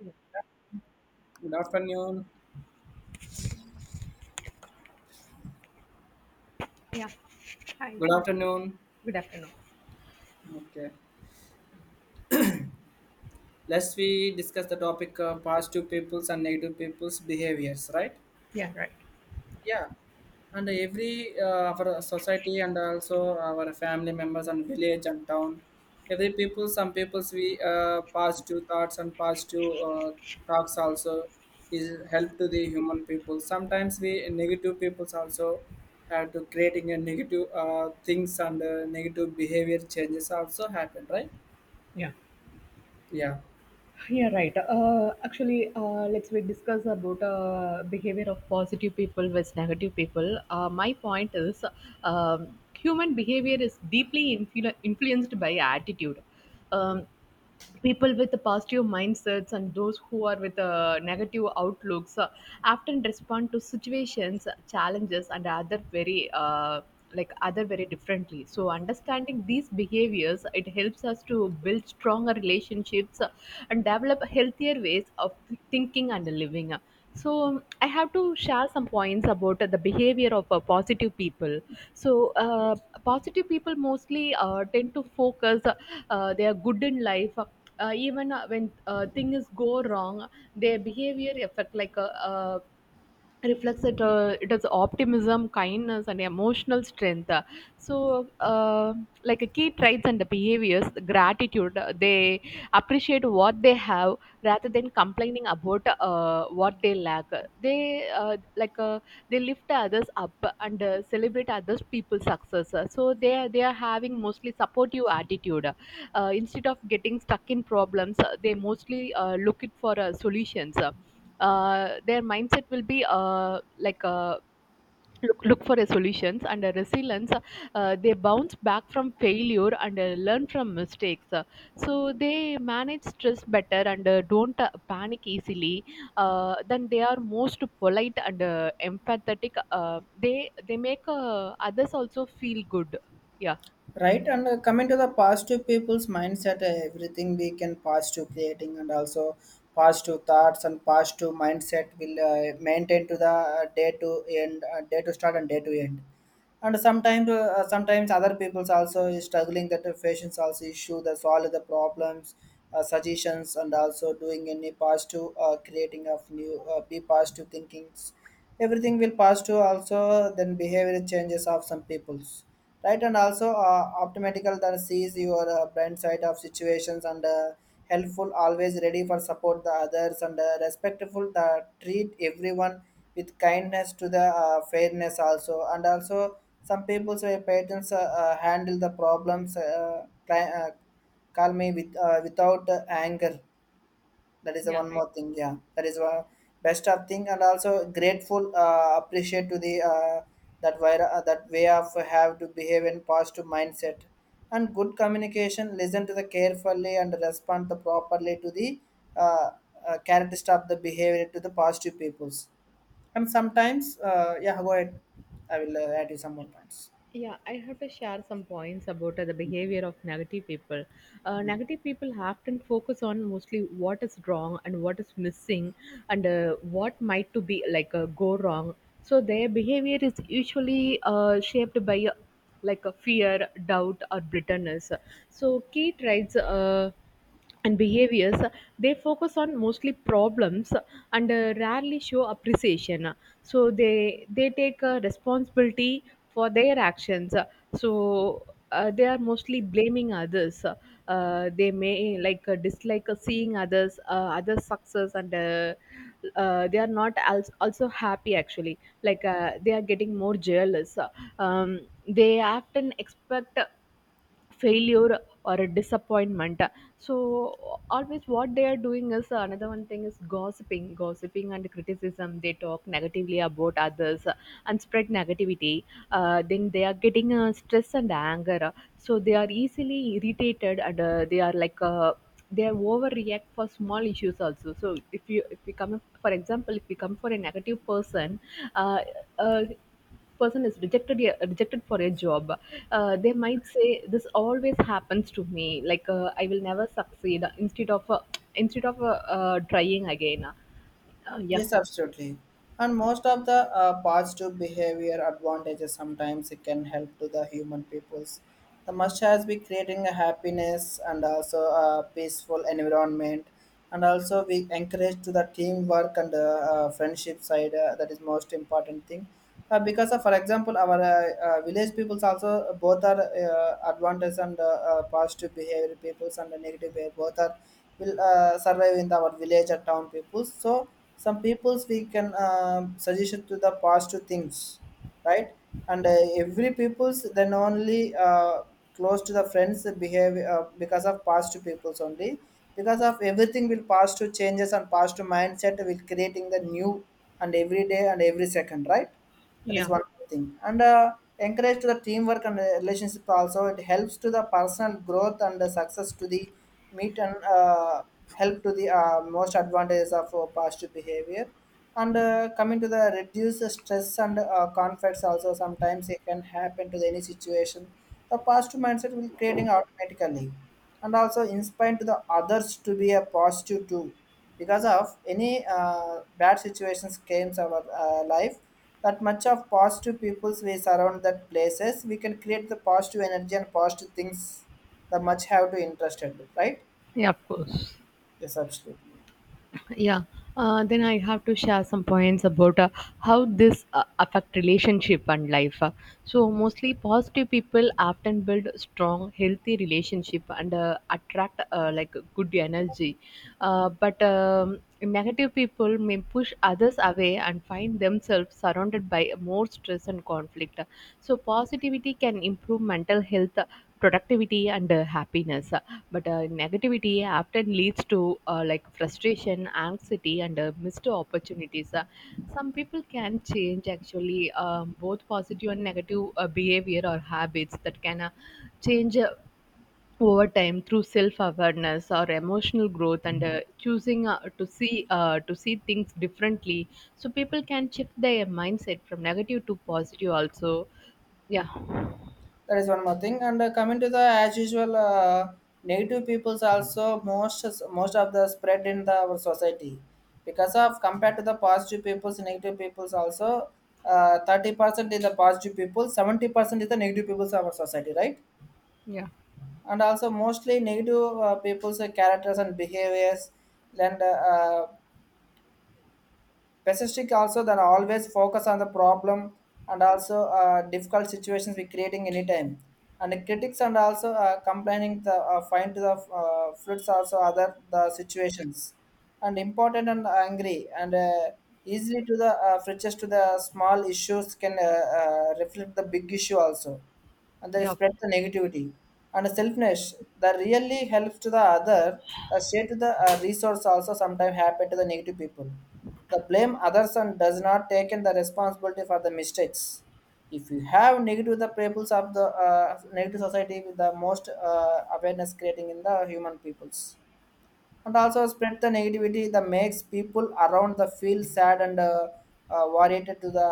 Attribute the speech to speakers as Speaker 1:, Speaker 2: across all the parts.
Speaker 1: Yeah.
Speaker 2: Good afternoon.
Speaker 1: Yeah. Hi.
Speaker 2: Good afternoon.
Speaker 1: Good afternoon.
Speaker 2: Okay. Let's we discuss the topic positive people's and negative people's behaviors, right?
Speaker 1: Yeah. Right.
Speaker 2: Yeah. And every our society and also our family members and village and town, every people, some people's we positive thoughts and positive talks also is help to the human people. Sometimes we negative peoples also have to creating a negative things and negative behavior changes also happen, right?
Speaker 1: Yeah.
Speaker 2: Yeah,
Speaker 1: Yeah, right. Actually, let's we discuss about behavior of positive people versus negative people. My point is, human behavior is deeply influenced by attitude. Um, people with positive mindsets and those who are with negative outlooks often respond to situations, challenges, and other very like other very differently, so understanding these behaviors it helps us to build stronger relationships and develop healthier ways of thinking and living. So um, I have to share some points about the behavior of positive people. so uh, positive people mostly tend to focus, they are good in life, even when things go wrong, their behavior affect reflects it, it is optimism, kindness and emotional strength. so uh, like a key traits and the behaviors, the gratitude, they appreciate what they have rather than complaining about what they lack. They they lift others up and celebrate others people's success, so they are having mostly supportive attitude. Instead of getting stuck in problems, they mostly look it for solutions. Their mindset will be look for a solutions and a resilience. They bounce back from failure and learn from mistakes. So they manage stress better and don't panic easily. Then they are most polite and empathetic. They make others also feel good. Yeah.
Speaker 2: right. And coming to the positive people's mindset, everything we can positive creating and also positive thoughts and positive mindset will maintain to the day to end, day to start and day to end. And sometimes, sometimes other people's are struggling that the patients also issue the solve the problems, suggestions, and also new positive thing of new be positive thinkings. Every then some people's right and uh, your blind side of situations and helpful are ready for support the other respectful the treat everyone with kindness to the fairness also and also some people say patients handle the problems calmly with without anger, that is the
Speaker 1: Yeah,
Speaker 2: one
Speaker 1: right.
Speaker 2: more thing. Yeah, that is one best of thing, and also grateful, appreciate to the uh, that way of have to behave in positive mindset, and good communication. Listen to the carefully and respond the properly to the uh, characteristic of the behavior to the positive peoples. And sometimes, yeah, go ahead. I will add you some more points.
Speaker 1: Yeah, I have to share some points about the behavior of negative people. Negative people often focus on mostly what is wrong and what is missing and what might to be like go wrong. So their behavior is usually shaped by like a fear, doubt, or bitterness. So key traits and behaviors, they focus on mostly problems and rarely show appreciation, so they take responsibility for their actions. so they are mostly blaming others. They may dislike seeing others success, and they are not also happy actually, like they are getting more jealous. um, they often expect failure or a disappointment. So always what they are doing is another one thing is gossiping and criticism. They talk negatively about others and spread negativity. Then they are getting stress and anger, so they are easily irritated and they are like they overreact for small issues also. So if we come, for example, if we come for a negative person, uh, uh, person is rejected, yeah, rejected for a job. They might say this always happens to me, like I will never succeed, instead of trying again. Yeah.
Speaker 2: Yes, absolutely. And most of the positive behavior advantages sometimes it can help to the human peoples. The must has be creating a happiness and also a peaceful environment, and also we encourage to the teamwork and friendship side. That is most important thing. Because of, for example, our village peoples also both are advantages and positive behavior peoples and the negative behavior both are will survive in our village or town peoples. So some peoples we can suggestion to the positive things, right? And every peoples then only close to the friends behave because of positive peoples only, because of everything will positive changes and positive mindset will creating the new and every day and every second, right? That is
Speaker 1: Yeah,
Speaker 2: one thing. And encourage to the teamwork and relationship also. It helps to the personal growth and the success to the meet and help to the most advantages of positive behavior. And coming to the reduce the stress and conflicts also sometimes it can happen to the any situation. The positive mindset will creating automatically and also inspire to the others to be a positive too, because of any bad situations came to our life, that much of positive people's we surround that places we can create the positive energy and positive things, that much have to interested, right?
Speaker 1: yeah, of course.
Speaker 2: Yes, absolutely.
Speaker 1: Yeah. Then I have to share some points about how this affect relationship and life. So mostly positive people often build strong healthy relationship and attract like good energy, but negative people may push others away and find themselves surrounded by more stress and conflict. So positivity can improve mental health, productivity, and happiness. But negativity often leads to like frustration, anxiety, and missed opportunities. Some people can change actually. Both positive and negative behavior or habits that can change. Over time through self awareness or emotional growth, and choosing to see things differently, so people can shift their mindset from negative to positive also. Yeah.
Speaker 2: That is one more thing. And coming to the as usual negative people's also most, most of the spread in the our society, because of compared to the positive people's, negative people's also 30% is the positive people, 70% is the negative people's of our society, right?
Speaker 1: Yeah.
Speaker 2: And also mostly negative people's characters and behaviors and pessimistic also, that always focus on the problem and also difficult situations we creating anytime, and the critics and also complaining the find the fruits also other the situations and important and angry and easily to the fridges to the small issues can reflect the big issue also, and they
Speaker 1: Yeah.
Speaker 2: spread the negativity and selfness that really helps to the other, the share to the resource also sometimes happen to the negative people, the blame others and does not take in the responsibility for the mistakes. If you have negative the peoples of the negative society with the most awareness creating in the human peoples, and also spread the negativity that makes people around the feel sad and worried to the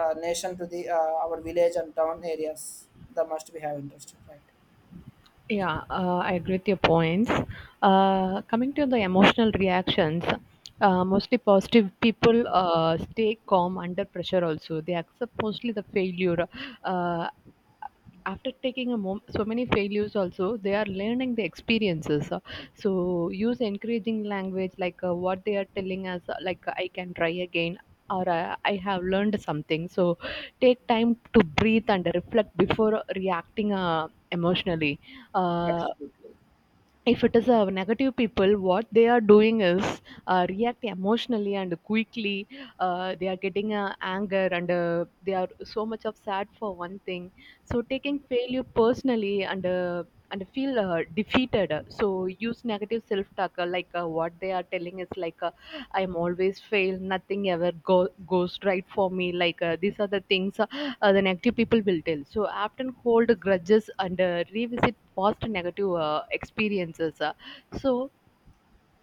Speaker 2: nation, to the our village and town areas, that must be have interested, right?
Speaker 1: Yeah, I agree with your points. Coming to the emotional reactions, mostly positive people stay calm under pressure also. They accept mostly the failure. Uh, after taking a mom- so many failures also they are learning the experiences. So use encouraging language like what they are telling us, like I can try again or I have learned something. So take time to breathe and reflect before reacting emotionally. uh,
Speaker 2: Absolutely.
Speaker 1: if it is a negative people, what they are doing is react emotionally and quickly. They are getting anger and they are so much of sad for one thing. So taking failure personally and feel defeated. So use negative self-talk, like what they are telling is like I am always fail. Nothing ever goes right for me. Like these are the things the negative people will tell. So often hold grudges and revisit past negative experiences. So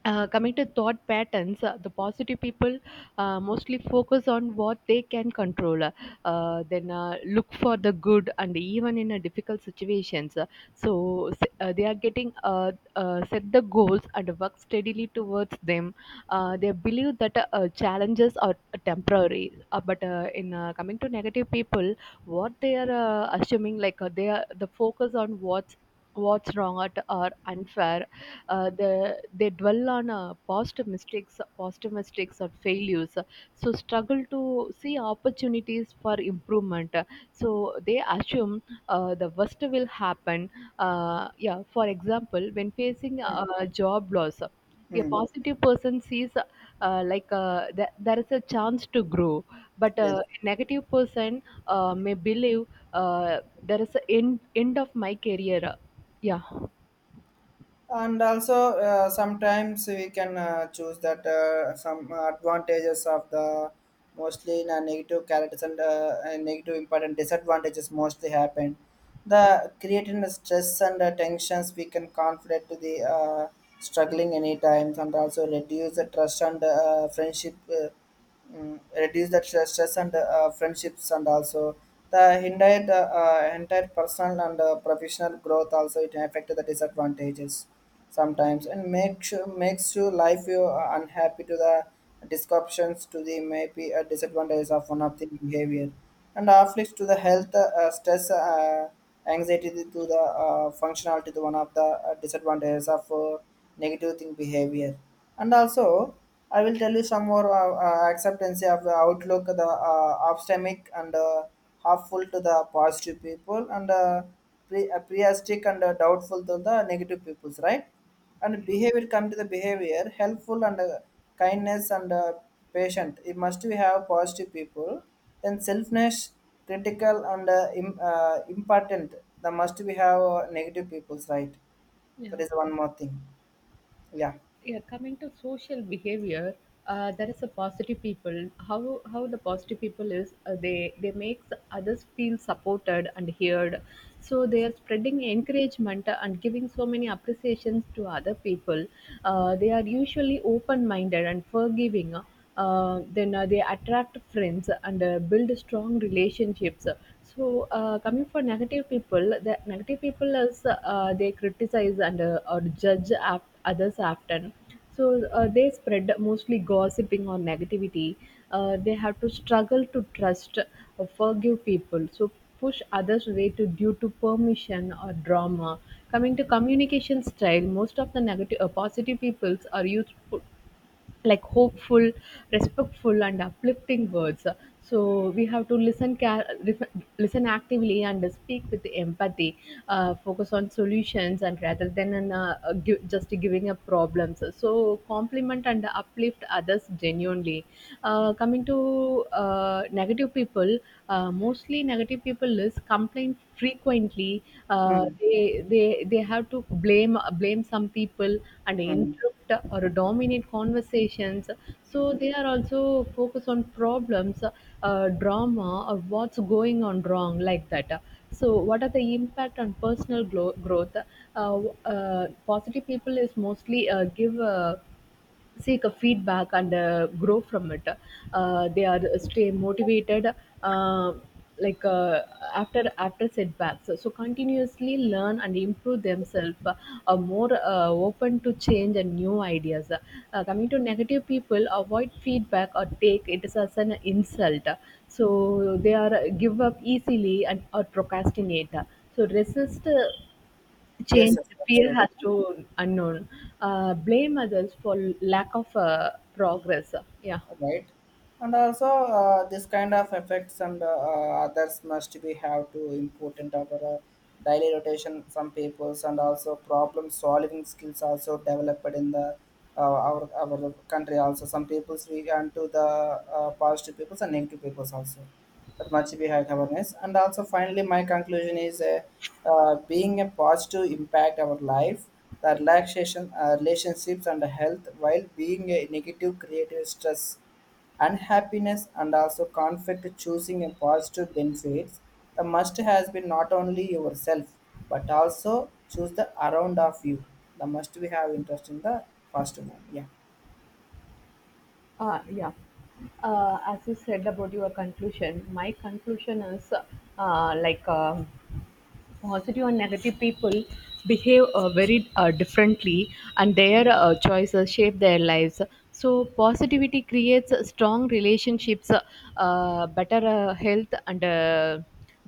Speaker 1: coming to thought patterns, the positive people mostly focus on what they can control, then look for the good, and even in a difficult situations. So they are getting set the goals and work steadily towards them. They believe that challenges are temporary, but in coming to negative people, what they are assuming like they are the focus on what's wrong or unfair. They dwell on past mistakes or failures. So struggle to see opportunities for improvement. So they assume the worst will happen. Yeah, for example, when facing a job loss, a
Speaker 2: Hmm.
Speaker 1: positive person sees like there is a chance to grow, but
Speaker 2: Yes.
Speaker 1: a negative person may believe there is an end of my career. Yeah.
Speaker 2: And also sometimes we can choose that some advantages of the mostly in a negative characters and and negative important disadvantages mostly happen, the creating the stress and the tensions we can conflict to the struggling any times, and also reduce the trust and friendship, reduce the stress and friendships, and also the entire personal and professional growth also, it affect the disadvantages sometimes and makes you life you are unhappy to the disruptions to the maybe a disadvantages of one of the behavior, and afflicts to the health stress, anxiety to the functionality to one of the disadvantages of negative thing behavior. And also I will tell you some more acceptance of the outlook, the optimistic and half-full to the positive people, and priastic and doubtful to the negative peoples, right? And behavior, come to the behavior, helpful and kindness and patient. It must we have positive people. Then selfness, critical and important. The must we have negative peoples, right? That
Speaker 1: Yeah.
Speaker 2: is one more thing. Yeah.
Speaker 1: Yeah, coming to social behavior, there is a positive people. How the positive people is, they makes others feel supported and heard. So they are spreading encouragement and giving so many appreciations to other people. They are usually open minded and forgiving, then they attract friends and build strong relationships. Coming for negative people, the negative people is, they criticize and or judge others often. They spread mostly gossiping or negativity. They have to struggle to trust or forgive people, so push others away to due to permission or drama. Coming to communication style, most of the negative positive peoples are useful, like hopeful, respectful, and uplifting words. So we have to listen actively, and speak with empathy. Focus on solutions, and rather than just giving up problems. So compliment and uplift others genuinely. Coming to negative people, mostly negative people is complain frequently. Uh,
Speaker 2: Mm.
Speaker 1: they they they have to blame some people and
Speaker 2: Mm.
Speaker 1: interrupt or dominate conversations. So they are also focused on problems, drama, or what's going on wrong, like that. So what are the impact on personal growth? Positive people is mostly give. Seek a feedback and grow from it. They are stay motivated, uh, like uh, after setbacks, so continuously learn and improve themselves. Are more open to change and new ideas. Coming to negative people, avoid feedback or take it as an insult, so they are give up easily and or procrastinate. So resist
Speaker 2: Yes,
Speaker 1: change,
Speaker 2: yes,
Speaker 1: fear has
Speaker 2: absolutely.
Speaker 1: to unknown, blame others for lack of progress. Yeah.
Speaker 2: Right. And also this kind of effects and others must be have to important our daily rotation some peoples, and also problem solving skills also developed in the uh, our country also, some peoples we and to the positive peoples and negative peoples also, that much behind awareness. And also finally my conclusion is being a positive impact our life, the relaxation relationships and health, while being a negative creative stress, unhappiness and also conflict, choosing a positive benefits the must has been not only yourself but also choose the around of you, the must we have interest in the positive one. Yeah,
Speaker 1: Yeah. As you said about your conclusion, my conclusion is, uh, like um positive and negative people behave very differently, and their choices shape their lives. So positivity creates strong relationships, better health, and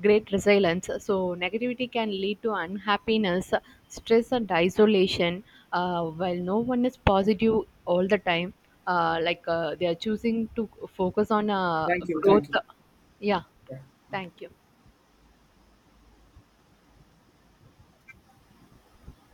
Speaker 1: great resilience. So negativity can lead to unhappiness, stress and isolation. While no one is positive all the time, they are choosing to focus on
Speaker 2: thank you, thank
Speaker 1: growth.
Speaker 2: you.
Speaker 1: Yeah,
Speaker 2: Yeah.
Speaker 1: thank you.